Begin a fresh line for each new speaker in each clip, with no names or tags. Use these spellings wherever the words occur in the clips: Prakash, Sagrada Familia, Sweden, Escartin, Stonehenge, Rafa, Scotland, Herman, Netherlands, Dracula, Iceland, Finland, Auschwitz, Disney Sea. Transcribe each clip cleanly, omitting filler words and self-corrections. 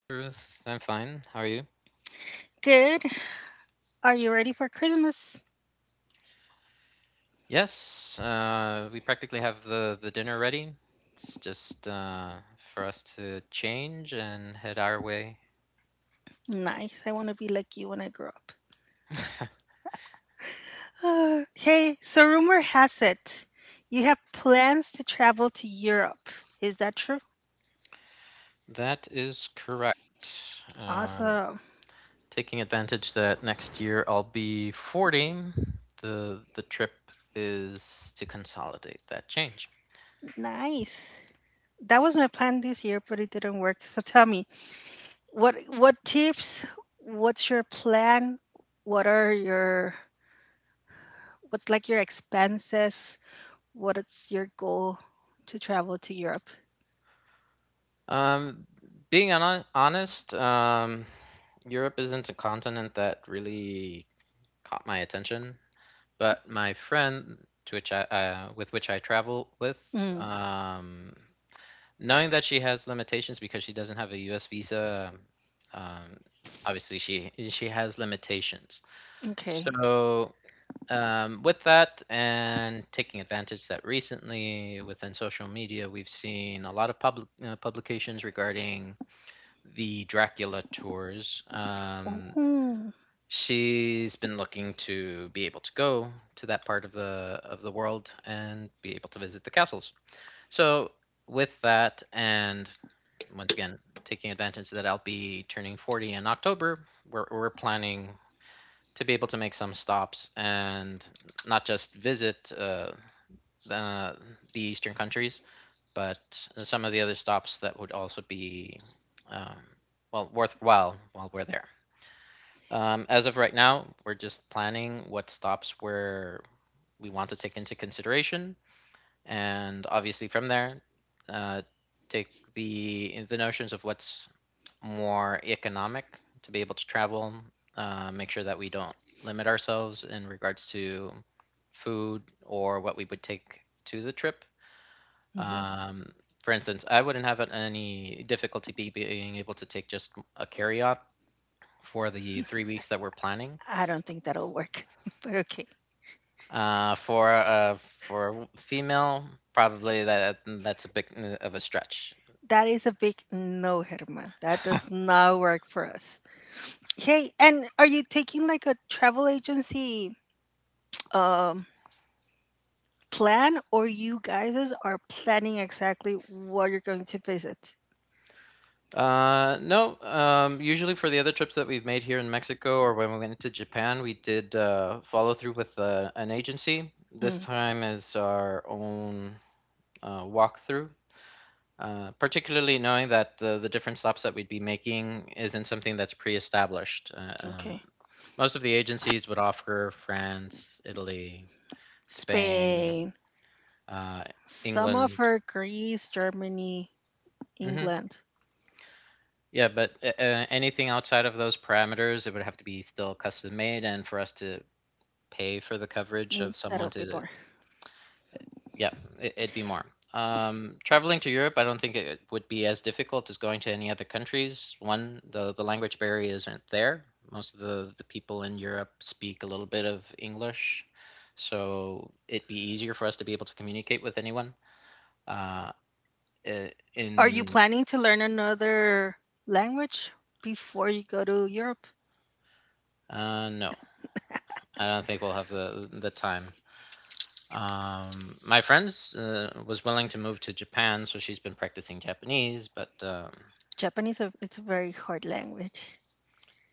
Hi Ruth, I'm fine. How are you?
Good. Are you ready for Christmas?
Yes, we practically have the dinner ready. It's just for us to change and head our way.
Nice. I want to be like you when I grow up. Hey, so rumor has it you have plans to travel to Europe. Is that true?
That is correct. Um,
Awesome.
Taking advantage that next year I'll be 40, the trip is to consolidate that change.
Nice. That was my plan this year, but it didn't work. So tell me, what tips? What's your plan? What are your what's like your expenses? What is your goal to travel to Europe?
Um, Being honest, Europe isn't a continent that really caught my attention. But my friend, to which I with which I travel with,
Mm,
um, knowing that she has limitations because she doesn't have a U.S. visa, um, um, obviously she has limitations.
okay.
So, with that and taking advantage that recently within social media, we've seen a lot of public publications regarding the Dracula tours.
Oh,
She's been looking to be able to go to that part of the world and be able to visit the castles. So, with that, and once again taking advantage that I'll be turning 40 in October, we're planning to be able to make some stops and not just visit the the eastern countries, but some of the other stops that would also be um, well worthwhile while we're there. As of right now, we're just planning what stops where we want to take into consideration, and obviously from there, uh, take the notions of what's more economic to be able to travel. Make sure that we don't limit ourselves in regards to food or what we would take to the trip.
mhm.
Um, for instance, I wouldn't have any difficulty be being able to take just a carry-out for the 3 weeks that we're planning.
I don't think that'll work, but okay.
For a female, probably that's a bit of a stretch.
That is a big no, Herman. That does not work for us. Hey, and are you taking like a travel agency um, plan, or you guys are planning exactly what you're going to visit?
No. Usually for the other trips that we've made here in Mexico or when we went to Japan, we did follow through with an agency. This
Mm,
time is our own walkthrough. Particularly knowing that the different stops that we'd be making isn't something that's pre-established.
okay.
Most of the agencies would offer France, Italy, Spain,
Spain,
Uh,
some of
England.
her Greece, Germany,
Hmm.
England.
Yeah, but anything outside of those parameters, it would have to be still custom made, and for us to pay for the coverage
Mm,
of someone
that'll be
to,
more.
yeah, it'd be more. Traveling to Europe, I don't think it would be as difficult as going to any other countries. One, the language barrier isn't there. Most of the people in Europe speak a little bit of English, so it'd be easier for us to be able to communicate with anyone. Uh, I-
Are you
in
planning to learn another language before you go to Europe?
No. I don't think we'll have the time. My friend was willing to move to Japan, so she's been practicing Japanese. But
Japanese, it's a very hard language.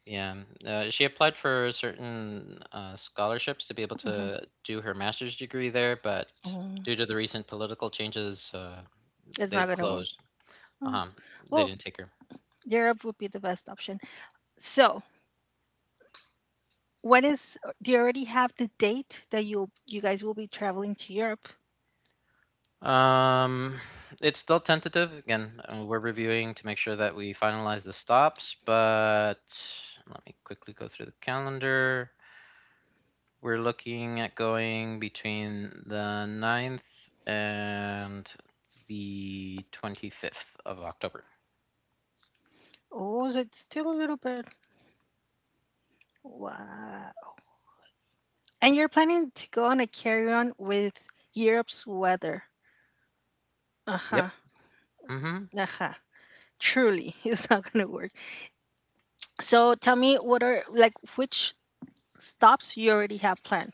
yeah, she applied for certain scholarships to be able
Hmm.
to do her master's degree there, but
Oh,
due to the recent political changes,
it's not
they've
gonna work.
closed.
Oh.
Uh-huh. They
Well,
didn't take her.
Europe would be the best option. So, when is? Do you already have the date that you guys will be traveling to Europe?
Um, it's still tentative. Again, we're reviewing to make sure that we finalize the stops, but let me quickly go through the calendar. We're looking at going between the 9th and the 25th of October.
Or is it still a little bit? Wow. And you're planning to go on a carry on with Europe's weather. Uh huh.
Yep. Mm-hmm.
Uh huh. Truly, it's not gonna work. So, tell me, what are like which stops you already have planned?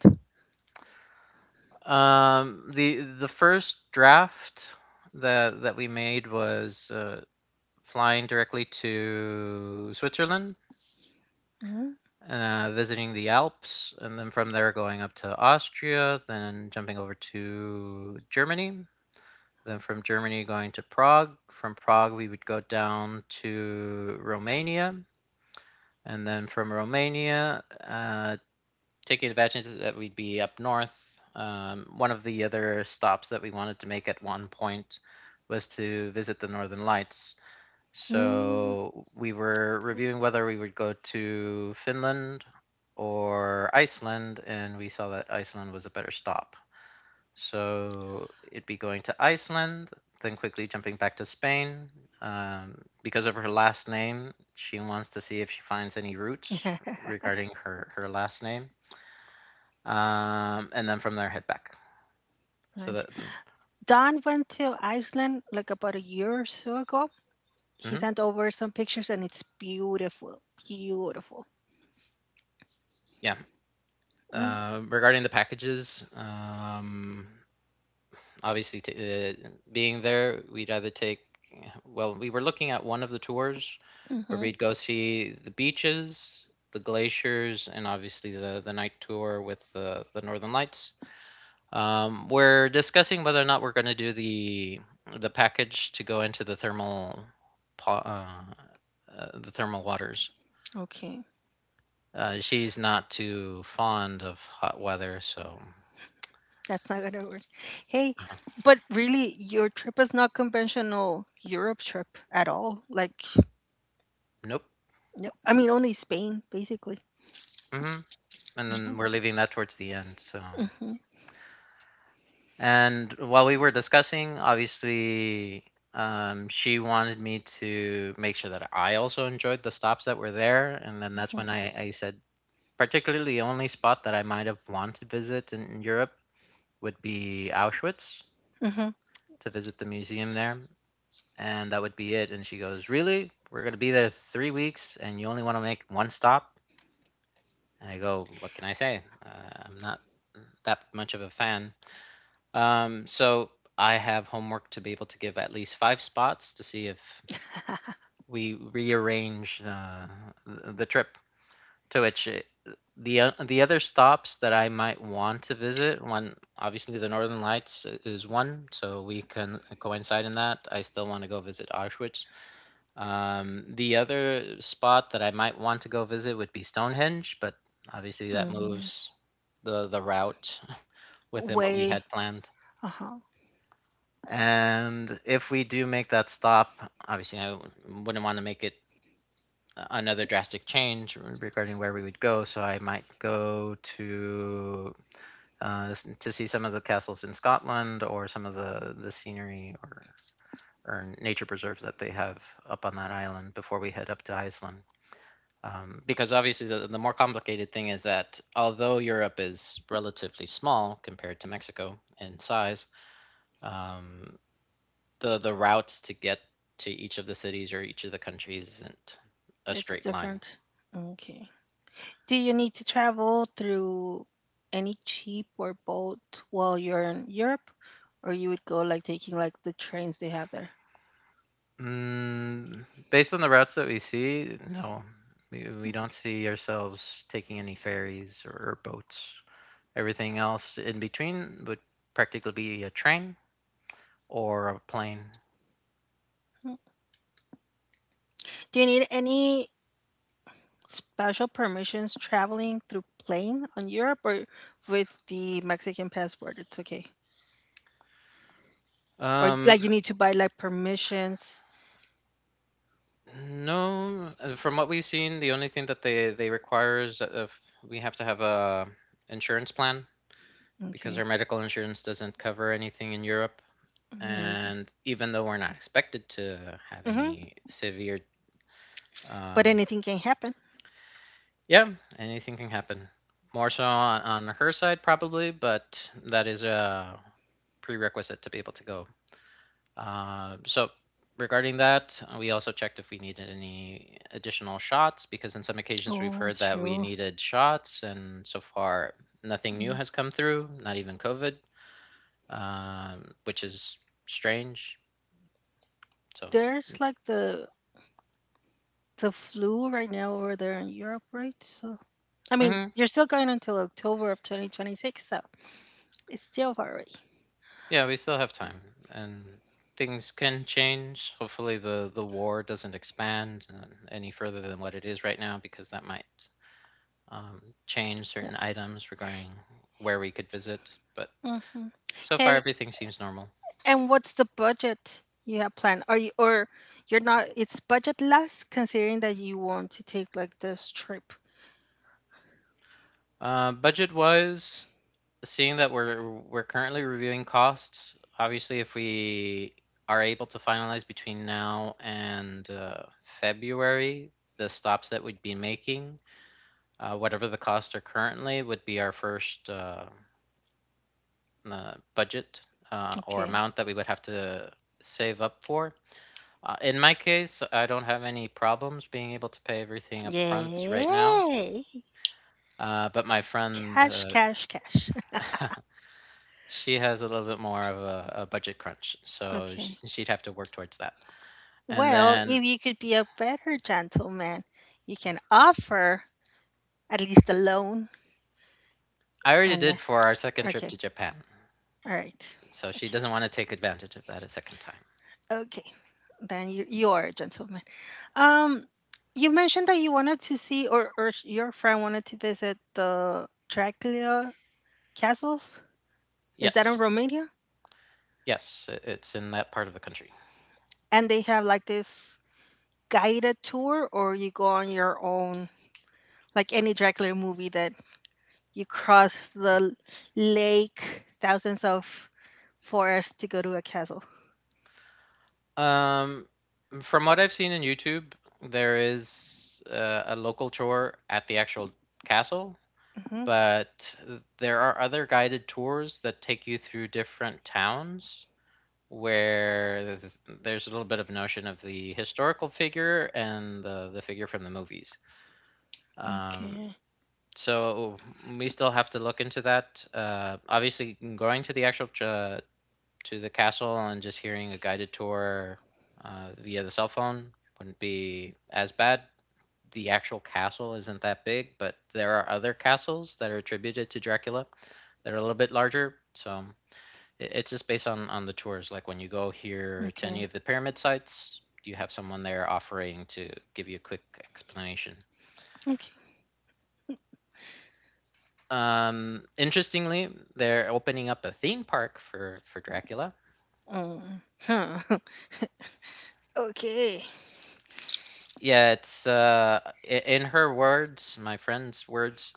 The first draft that we made was flying directly to Switzerland, visiting the Alps, and then from there going up to Austria, then jumping over to Germany. Then from Germany going to Prague. From Prague, we would go down to Romania. And then from Romania, taking advantage that we'd be up north. One of the other stops that we wanted to make at one point was to visit the Northern Lights.
Mm-hmm.
So we were reviewing whether we would go to Finland or Iceland, and we saw that Iceland was a better stop. So it'd be going to Iceland, then quickly jumping back to Spain. Um, because of her last name, she wants to see if she finds any roots regarding her last name. And then from there, head back. So
Nice.
that,
Don went to Iceland like about a year or so ago. He
mhm,
sent over some pictures and it's beautiful. Beautiful.
yeah. Regarding the packages, obviously, being there, we'd either take, well, we were looking at one of the tours where
Mm-hmm.
we'd go see the beaches, the glaciers, and obviously the night tour with the Northern Lights. We're discussing whether or not we're going to do the package to go into uh, the thermal waters.
Okay.
She's not too fond of hot weather, so
That's not gonna work. Hey,
uh,
but really, your trip is not conventional Europe trip at all. Like,
nope.
no, I mean, only Spain, basically.
Hmm. And
Mhm.
then we're leaving that towards the end. So,
Mhm.
and while we were discussing, obviously, she wanted me to make sure that I also enjoyed the stops that were there. And then that's when I said, particularly the only spot that I might have wanted to visit in Europe would be Auschwitz
Mhm. Mhm.
to visit the museum there. And that would be it. And she goes, "Really? We're going to be there 3 weeks and you only want to make one stop?" And I go, "What can I say?" I'm not that much of a fan. So I have homework to be able to give at least 5 spots to see if we rearrange the trip. To which it, the the other stops that I might want to visit, one obviously the Northern Lights is one, so we can coincide in that. I still want to go visit Auschwitz. The other spot that I might want to go visit would be Stonehenge, but obviously that
Mm,
moves the route within what we
Way,
had planned.
uh huh.
And if we do make that stop, obviously I wouldn't want to make it another drastic change regarding where we would go. So I might go uh, to see some of the castles in Scotland or some of the scenery or nature preserves that they have up on that island before we head up to Iceland. Because obviously the more complicated thing is that although Europe is relatively small compared to Mexico in size, um, the routes to get to each of the cities or each of the countries isn't a
It's
straight line.
different. Okay. Do you need to travel through any cheap or boat while you're in Europe, or you would go like taking like the trains they have there?
Mm, based on the routes that we see, no, we don't see ourselves taking any ferries or boats. Everything else in between would practically be a train or a plane.
Mm. Do you need any special permissions traveling through plane on Europe, or with the Mexican passport it's okay? Or
Um,
like you need to buy like permissions?
no, from what we've seen, the only thing that they require is that if we have to have a insurance plan because
Okay.
our medical insurance doesn't cover anything in Europe
Mm-hmm.
and even though we're not expected to have
Mm-hmm.
any severe
But
um
anything can happen.
yeah, anything can happen, more so on her side probably, but that is a prerequisite to be able to go, so regarding that, we also checked if we needed any additional shots because in some occasions we've
Oh,
heard
it's
that we
true.
needed shots and so far nothing new
Yeah.
has come through, not even covid, which is strange. So,
There's like the flu right now over there in Europe, right? So I mean,
hmm.
you're still going until October of 2026, so it's still far away.
Yeah, we still have time, and things can change. Hopefully, the war doesn't expand any further than what it is right now, because that might um, change certain items regarding where we could visit. But
Yeah. Hmm.
so far,
Hey,
everything seems normal.
and what's the budget you have planned? Are you or you're not? It's budgetless considering that you want to take like this trip.
Budget wise, seeing that we're currently reviewing costs. Obviously, if we are able to finalize between now and February, the stops that we'd be making. Whatever the costs are currently would be our first budget or
Okay.
amount that we would have to save up for. In my case, I don't have any problems being able to pay everything up front right now.
Yay!
But my friend,
Cash, cash, cash.
she has a little bit more of a budget crunch, so
Okay.
she'd have to work towards that. And
Well,
then
if you could be a better gentleman, you can offer at least a loan.
I already
And
did for our second trip to
okay,
Japan,
all right,
so she
okay.
doesn't want to take advantage of that a second time.
Okay, then you are a gentleman. Um, you mentioned that you wanted to see, or your friend wanted to visit the Dracula castles. Is that in
Yes,
Romania?
yes, it's in that part of the country.
And they have like this guided tour, or you go on your own, like any Dracula movie that you cross the lake, thousands of forests to go to a castle.
Um, From what I've seen in YouTube, there is a local tour at the actual castle,
Hmm.
but there are other guided tours that take you through different towns where there's a little bit of notion of the historical figure and the figure from the movies. Um,
Okay,
so we still have to look into that. Obviously, going to the actual to the castle and just hearing a guided tour via the cell phone wouldn't be as bad. The actual castle isn't that big, but there are other castles that are attributed to Dracula that are a little bit larger. So it's just based on the tours. Like when you go here to any
okay,
of the pyramid sites, you have someone there offering to give you a quick explanation.
okay.
Interestingly, they're opening up a theme park for Dracula.
Um, huh. Okay.
Yeah, it's in her words, my friend's words,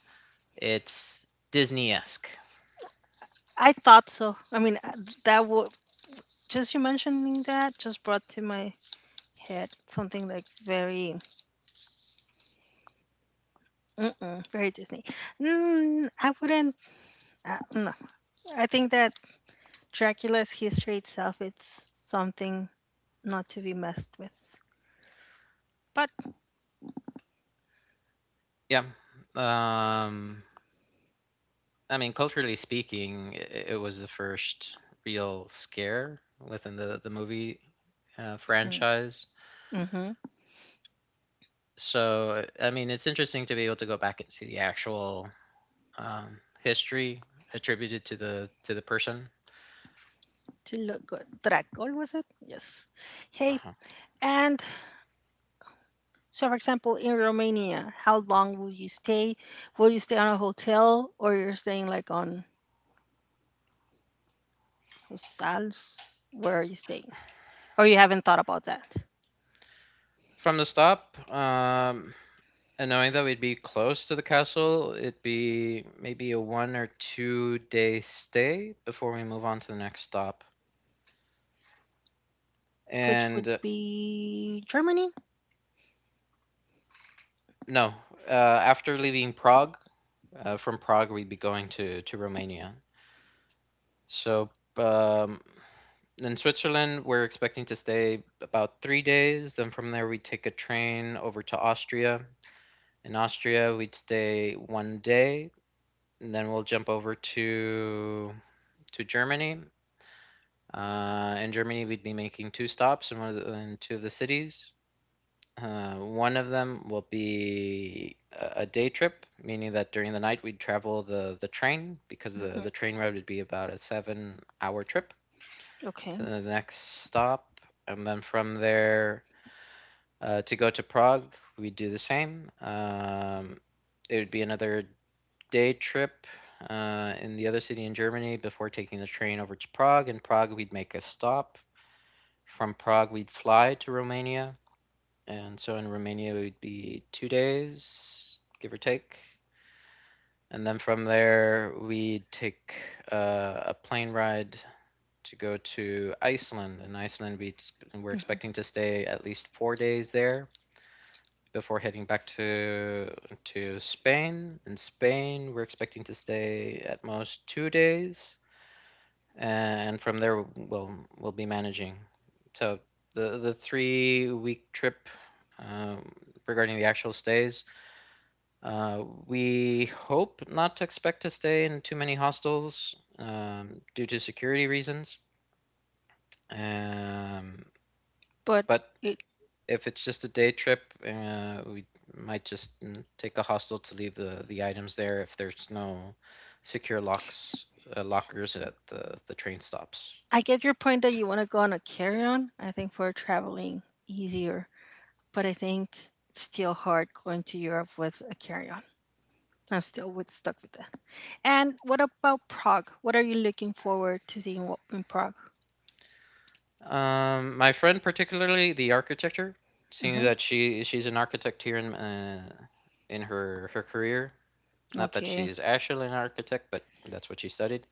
it's Disney-esque.
I thought so. I mean, that would just you mentioning that just brought to my head something like very, mm-mm, very Disney. Mm, I wouldn't. No, I think that Dracula's history itself it's something not to be messed with. But
Yeah. Um I mean, culturally speaking, it was the first real scare within the movie
hmm,
franchise.
mm-hmm,
So, I mean, it's interesting to be able to go back and see the actual history attributed to the person.
to look good, Dracul was it? Yes. Hey,
Uh-huh.
and so for example, in Romania, how long will you stay? Will you stay on a hotel or you're staying like on Hostels. Where are you staying? Or you haven't thought about that?
From the stop, and knowing that we'd be close to the castle, it'd be maybe a 1 or 2 day stay before we move on to the next stop.
Which would
And
be Germany?
no, After leaving Prague, from Prague we'd be going to Romania. So um, in Switzerland we're expecting to stay about 3 days. Then from there we'd take a train over to Austria. In Austria we'd stay 1 day, and then we'll jump over to Germany. In Germany, we'd be making two stops in in two of the cities. One of them will be a day trip, meaning that during the night we'd travel the train because the
Hmm.
train ride would be about a 7 hour trip
Okay.
to the next stop. And then from there, to go to Prague, we'd do the same. It would be another day trip in the other city in Germany before taking the train over to Prague. In Prague, we'd make a stop. From Prague, we'd fly to Romania, and so in Romania, we'd be 2 days, give or take. And then from there, we'd take a plane ride to go to Iceland. In Iceland, we're
Hmm.
expecting to stay at least 4 days there before heading back to Spain. In Spain, we're expecting to stay at most 2 days, and from there we'll be managing. So the 3 week trip, um, regarding the actual stays, we hope not to expect to stay in too many hostels due to security reasons. Um,
But
but
it,
if it's just a day trip, we might just take a hostel to leave the items there if there's no secure locks, lockers at the train stops.
I get your point that you want to go on a carry on. I think for traveling, easier. But I think it's still hard going to Europe with a carry on. I'm still stuck with that. And what about Prague? What are you looking forward to seeing in Prague?
My friend, particularly the architecture, seeing
Hmm.
that she's an architect here in her career. Not that
Okay.
she's actually an architect, but that's what she studied.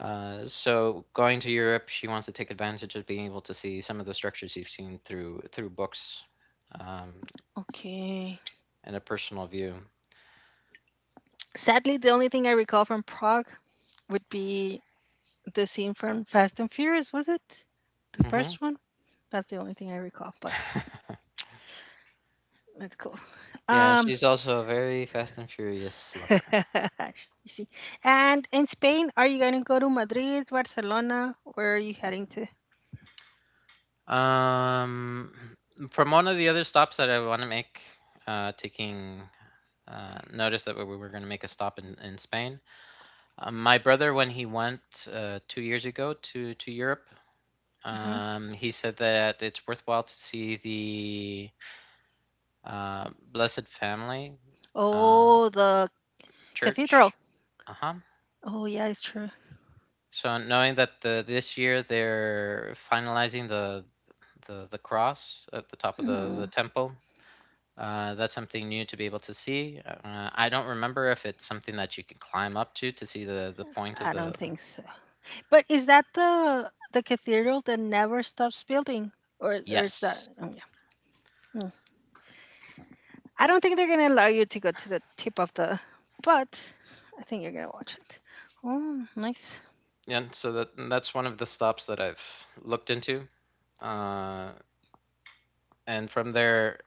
So going to Europe, she wants to take advantage of being able to see some of the structures you've seen through books, um,
Okay.
and a personal view.
Sadly, the only thing I recall from Prague would be the scene from Fast and Furious, was it? The
Hmm
first one? That's the only thing I recall, but that's cool.
Yeah,
Um,
she's also a very Fast and Furious lover.
you see. And in Spain, are you going to go to Madrid, Barcelona? Where are you heading to?
Um, from one of the other stops that I want to make, taking noticed that we were going to make a stop in Spain. My brother, when he went 2 years ago to Europe,
Hmm.
he said that it's worthwhile to see the Blessed Family uh,
Oh, the
Church.
cathedral.
Uh huh.
Oh, yeah, it's true.
So knowing that this year they're finalizing the the cross at the top of the
Mm,
temple. That's something new to be able to see. I don't remember if it's something that you can climb up to see the point of
I
the.
don't think so. But is that the cathedral that never stops building, or is that?
Yes,
Oh, yeah. Mm. I don't think they're gonna allow you to go to the tip of the, but I think you're gonna watch it. Oh, nice.
and so that and that's one of the stops that I've looked into. Uh, and from there,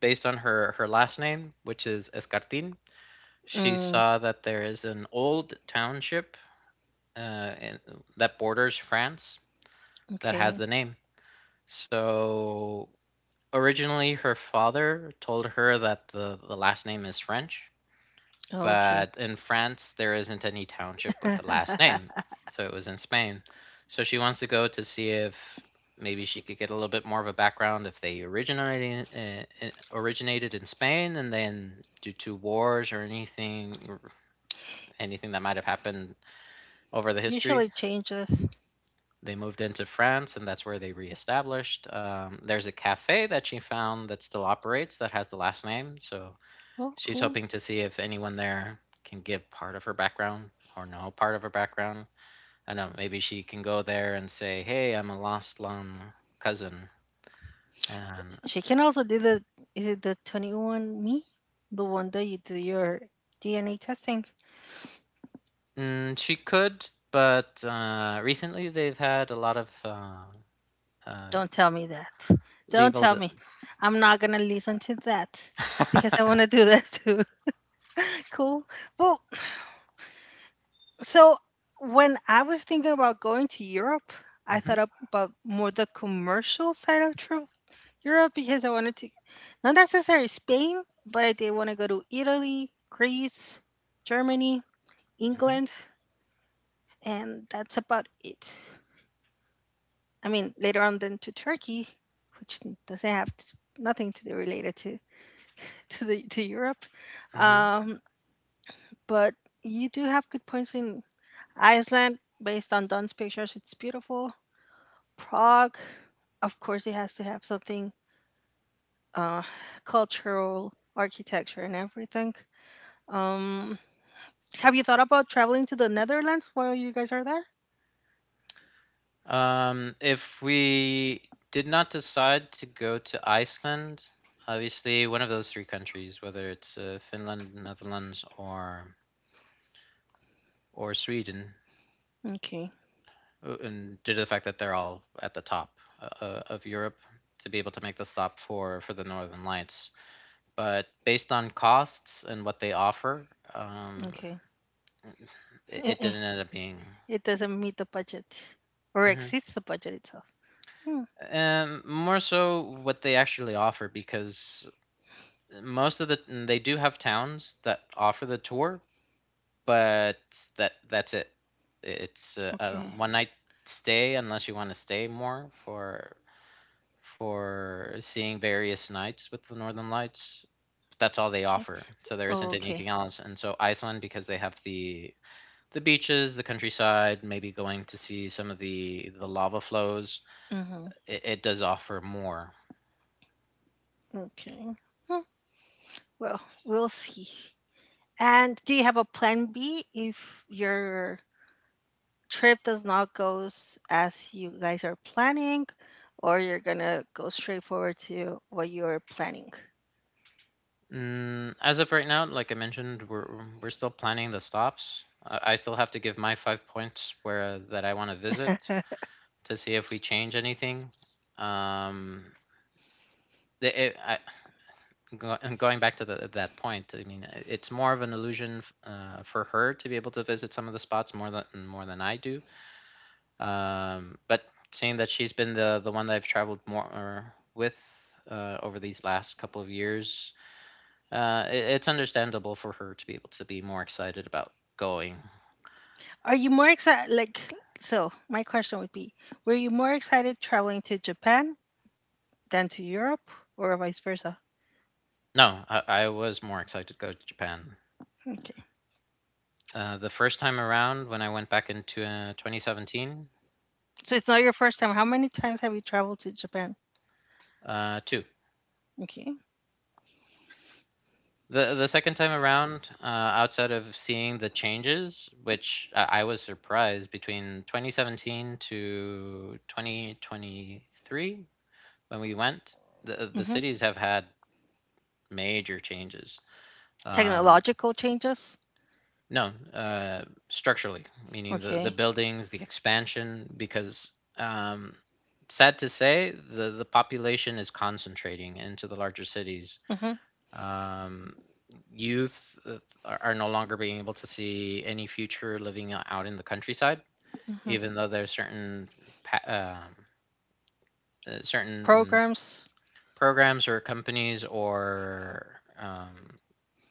based on her last name, which is Escartin, she
Mm,
saw that there is an old township uh, in, that borders France that has
okay.
the name. So originally, her father told her that the last name is French,
Okay.
but in France there isn't any township with the last name. So it was in Spain. So she wants to go to see if maybe she could get a little bit more of a background if they originated originated in Spain and then due to wars or anything that might have happened over the history,
Usually changes.
they moved into France and that's where they reestablished. There's a cafe that she found that still operates that has the last name, so
Oh,
she's
cool.
hoping to see if anyone there can give part of her background or know part of her background. I know maybe she can go there and say, "Hey, I'm a lost long cousin," and
She can also do the. Is it the 21 me? The one that you do your DNA testing.
she could. But recently, they've had a lot of uh,
Don't tell me that. Don't
legal. D
tell me. I'm not gonna listen to that because I want to do that too. Cool. Well, so when I was thinking about going to Europe, I
hmm
thought about more the commercial side of Europe because I wanted to, not necessarily Spain, but I did want to go to Italy, Greece, Germany,
hmm
England, and that's about it. I mean, later on then to Turkey, which doesn't have t nothing to do related to to Europe,
hmm
um, but you do have good points in Iceland. Based on Don's pictures, it's beautiful. Prague, of course, it has to have something uh, cultural, architecture, and everything. Um, have you thought about traveling to the Netherlands while you guys are there?
If we did not decide to go to Iceland, obviously one of those three countries, whether it's Finland, Netherlands, or Sweden,
Okay,
and due to the fact that they're all at the top of Europe, to be able to make the stop for the Northern Lights. But based on costs and what they offer, um,
okay.
it
Eh-eh.
didn't end up being.
It doesn't meet the budget or
Hmm
exceeds the budget itself. Hmm.
More so what they actually offer because most of the they do have towns that offer the tour, but that's it. It's a
Okay,
one night stay unless you want to stay more for seeing various nights with the Northern Lights. But that's all they
okay.
offer, so there
Oh,
isn't
okay.
anything else. And so Iceland, because they have the beaches, the countryside, maybe going to see some of the lava flows,
Mm-hmm.
it does offer more.
Okay. Hmm. Well, we'll see. And do you have a plan B if your trip does not go as you guys are planning, or you're gonna go straight forward to what you're planning.
As of right now, like I mentioned, we're still planning the stops. I still have to give my five points where that I want to visit to see if we change anything. Um, the- it, I, and going back to that point, I mean, it's more of an illusion for her to be able to visit some of the spots more than I do. But seeing that she's been the one that I've traveled more with over these last couple of years, it's understandable for her to be able to be more excited about going.
Are you more excited? Like, so my question would be: Were you more excited traveling to Japan than to Europe, or vice versa?
No, I was more excited to go to Japan.
Okay,
The first time around when I went back into 2017,
so it's not your first time. How many times have you traveled to Japan?
too.
Okay.
The second time around, outside of seeing the changes, which I was surprised between 2017 to 2023 when we went, the
Mm-hmm.
cities have had major changes. Um,
Technological changes.
no, structurally, meaning the
Okay.
buildings, the expansion, because sad to say, the population is concentrating into the larger cities.
Mm-hmm.
Um, Youth are no longer being able to see any future living out in the countryside,
Mm-hmm.
even though there's certain pa- um, certain
Programs.
programs or companies or um,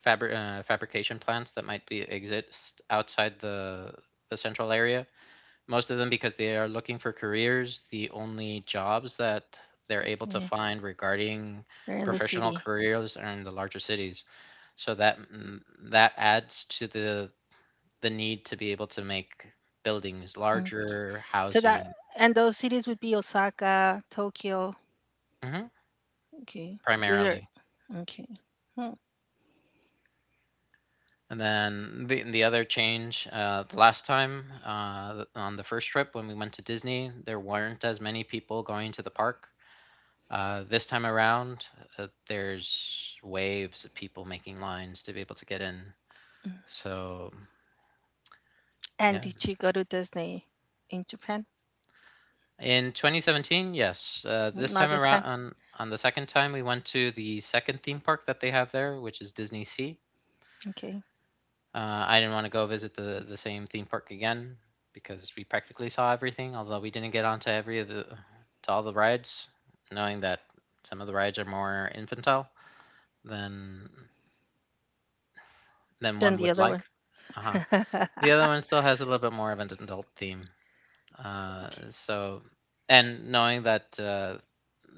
fabri- uh, fabrication plants that might be exist outside the central area. Most of them, because they are looking for careers, the only jobs that they're able to
Yeah,
find regarding
they're in the
professional
city.
careers are in the larger cities so that that adds to the need to be able to make buildings
Okay.
larger,
So that
housing.
and those cities would be Osaka, Tokyo.
Mhm,
Okay. These are
primarily.
okay. Hmm.
And then the other change, the last time on the first trip when we went to Disney, there weren't as many people going to the park. This time around, there's waves of people making lines to be able to get in. So
And
yeah,
did you go to Disney in Japan?
in 2017, yes. This
Not
time
this
around,
time.
on the second time, we went to the second theme park that they have there, which is Disney Sea.
Okay.
I didn't want to go visit the same theme park again because we practically saw everything, although we didn't get onto every of the to all the rides, knowing that some of the rides are more infantile than than
Then
one
the
would
other
like.
one.
Uh huh.
Okay.
The other one still has a little bit more of an adult theme. So, and knowing that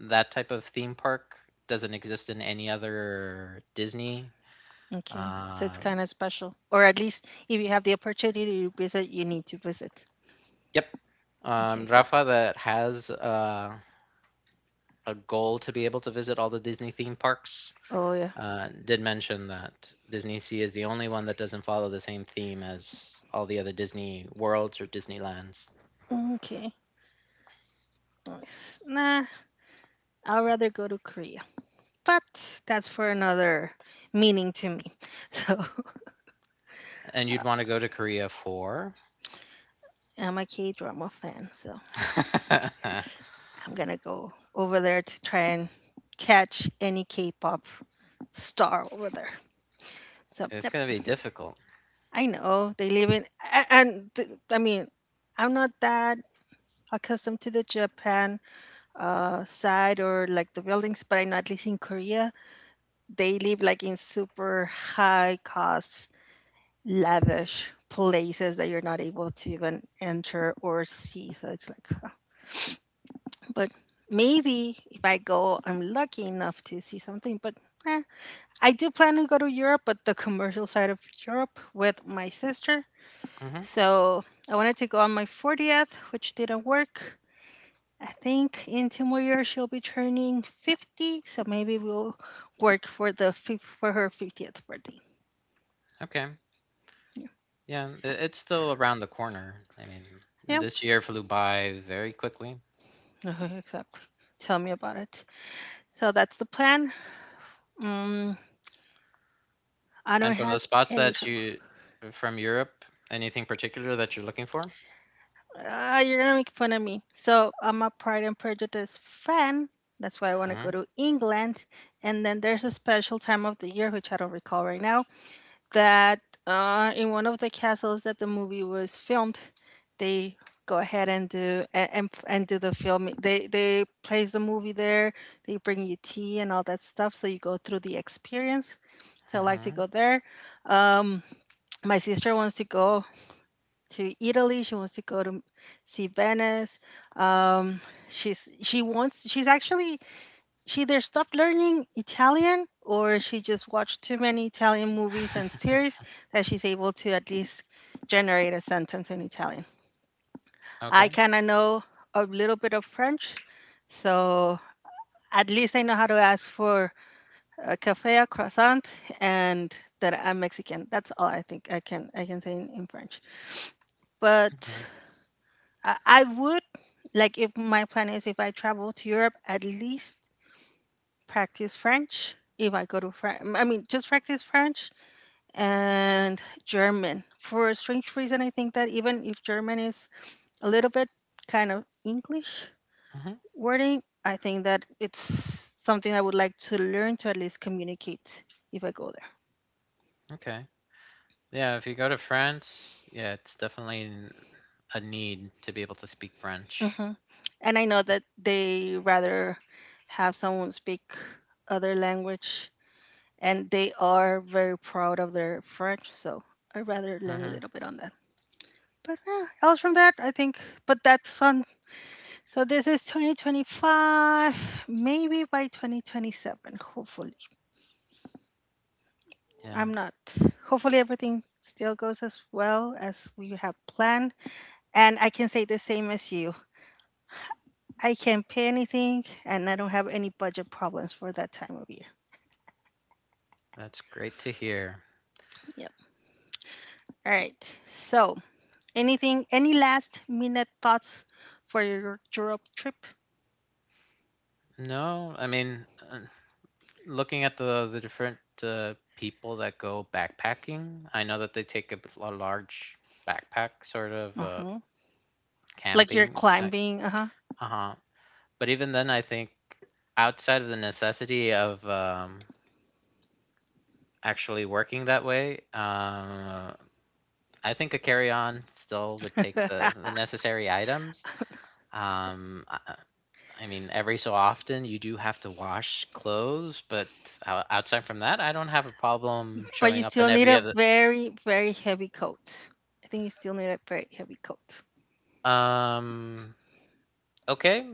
that type of theme park doesn't exist in any other Disney.
Okay. So it's
Um,
kind of special, or at least if you have the opportunity to visit, you need to visit.
yep.
Okay.
Rafa that has a goal to be able to visit all the Disney theme parks.
Oh yeah.
Did mention that Disney Sea is the only one that doesn't follow the same theme as all the other Disney worlds or Disneylands.
Okay. Nice. Nah, I'd rather go to Korea, but that's for another meaning to me.
And you'd
So
want to go to Korea for.
I'm a K drama fan, so
It's
I'm gonna go over there to try and catch any K pop star over there. So, yep,
going to be difficult.
I know they live in, and I mean, I'm not that accustomed to the Japan side or like the buildings, but I know at least in Korea, they live like in super high cost, lavish places that you're not able to even enter or see. So it's like, but maybe if I go, I'm lucky enough to see something. But eh, I do plan to go to Europe, but the commercial side of Europe with my sister.
Hmm
So I wanted to go on my 40th, which didn't work. I think in 2 more years she'll be turning 50, so maybe we'll work for the for her 50th birthday.
Okay.
Yeah,
Yeah, it's still around the corner. I mean,
yeah,
this year flew by very quickly.
uh-huh, exactly. Tell me about it. So that's the plan. Um, I don't
And from the
have
spots
any.
that from Europe, anything particular that you're looking for?
Ah, you're gonna make fun of me. So I'm a Pride and Prejudice fan. That's why I want to go
Hmm
to England. And then there's a special time of the year, which I don't recall right now, that in one of the castles that the movie was filmed, they go ahead and do and do the filming. They place the movie there. They bring you tea and all that stuff, so you go through the experience. So I like to
hmm
go there. Um, my sister wants to go to Italy. She wants to go to see Venice. Um, she's she wants she's actually she either stopped learning Italian or she just watched too many Italian movies and series that she's able to at least generate a sentence in Italian. I
Okay.
kind of know a little bit of French, so at least I know how to ask for a cafe, a croissant, and that I'm Mexican. That's all I think I can say in French.
Yeah.
But I would like if my plan is if I travel to Europe, at least practice French. If I go to France, I mean, just practice French and German. For a strange reason, I think that even if German is a little bit kind of English
Mm-hmm.
wording, I think that it's something I would like to learn to at least communicate if I go
Okay. Yeah, if you go to France, yeah, it's definitely a need to be able to speak
there.
French.
Hmm. And I know that they rather have someone speak other language and they are very proud of their French. So I rather learn a
Hmm
little bit on that. But yeah, else from that, I think. But that's on. So this is 2025, maybe by 2027. Hopefully,
Yeah,
I'm not. Hopefully, everything still goes as well as we have planned. And I can say the same as you. I can pay anything, and I don't have any budget problems for that time of year.
that's great to hear.
Yep. All right. So any last minute thoughts for your Europe trip?
No, I mean, looking at the different people that go backpacking, I know that they take a large backpack, sort of
Uh huh. Like you're
camping. Like,
climbing, uh
uh-huh. But even then, I think outside of the necessity of actually working that way, I think a carry-on still would take
huh.
the necessary items. Um, I, I I mean, every so often you do have to wash clothes, but outside from that, I don't have a problem
But you
showing up
still
in
need
every
a
other.
very, very heavy coat. I think you still need a very heavy coat.
Um, okay,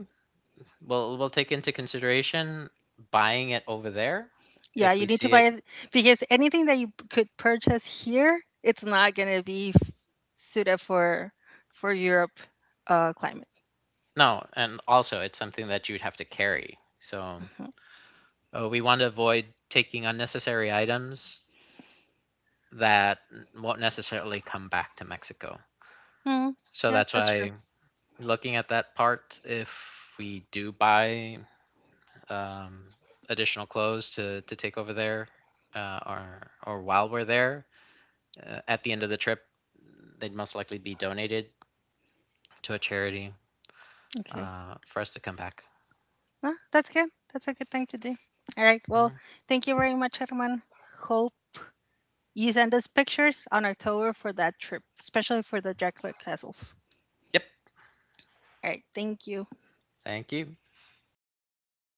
we'll take into consideration buying it over there
Yeah,
if we
you need to
see
buy
it.
it because anything that you could purchase here, it's not gonna be suited for Europe climate.
No, and also it's something that you'd have to carry. So,
Mhm.
we want to avoid taking unnecessary items that won't necessarily come back to Mexico.
Mm,
So
yeah,
that's
that's true.
why looking at that part, if we do buy um, additional clothes to take over there, or while we're there, at the end of the trip, they'd most likely be donated to a charity
Okay,
for us to come back.
ah, that's good. That's a good thing to do. All right. Well,
Mhm.
thank you very much, Herman. Hope you send us pictures on October for that trip, especially for the Dracula castles.
Yep.
All right, thank you.
Thank you.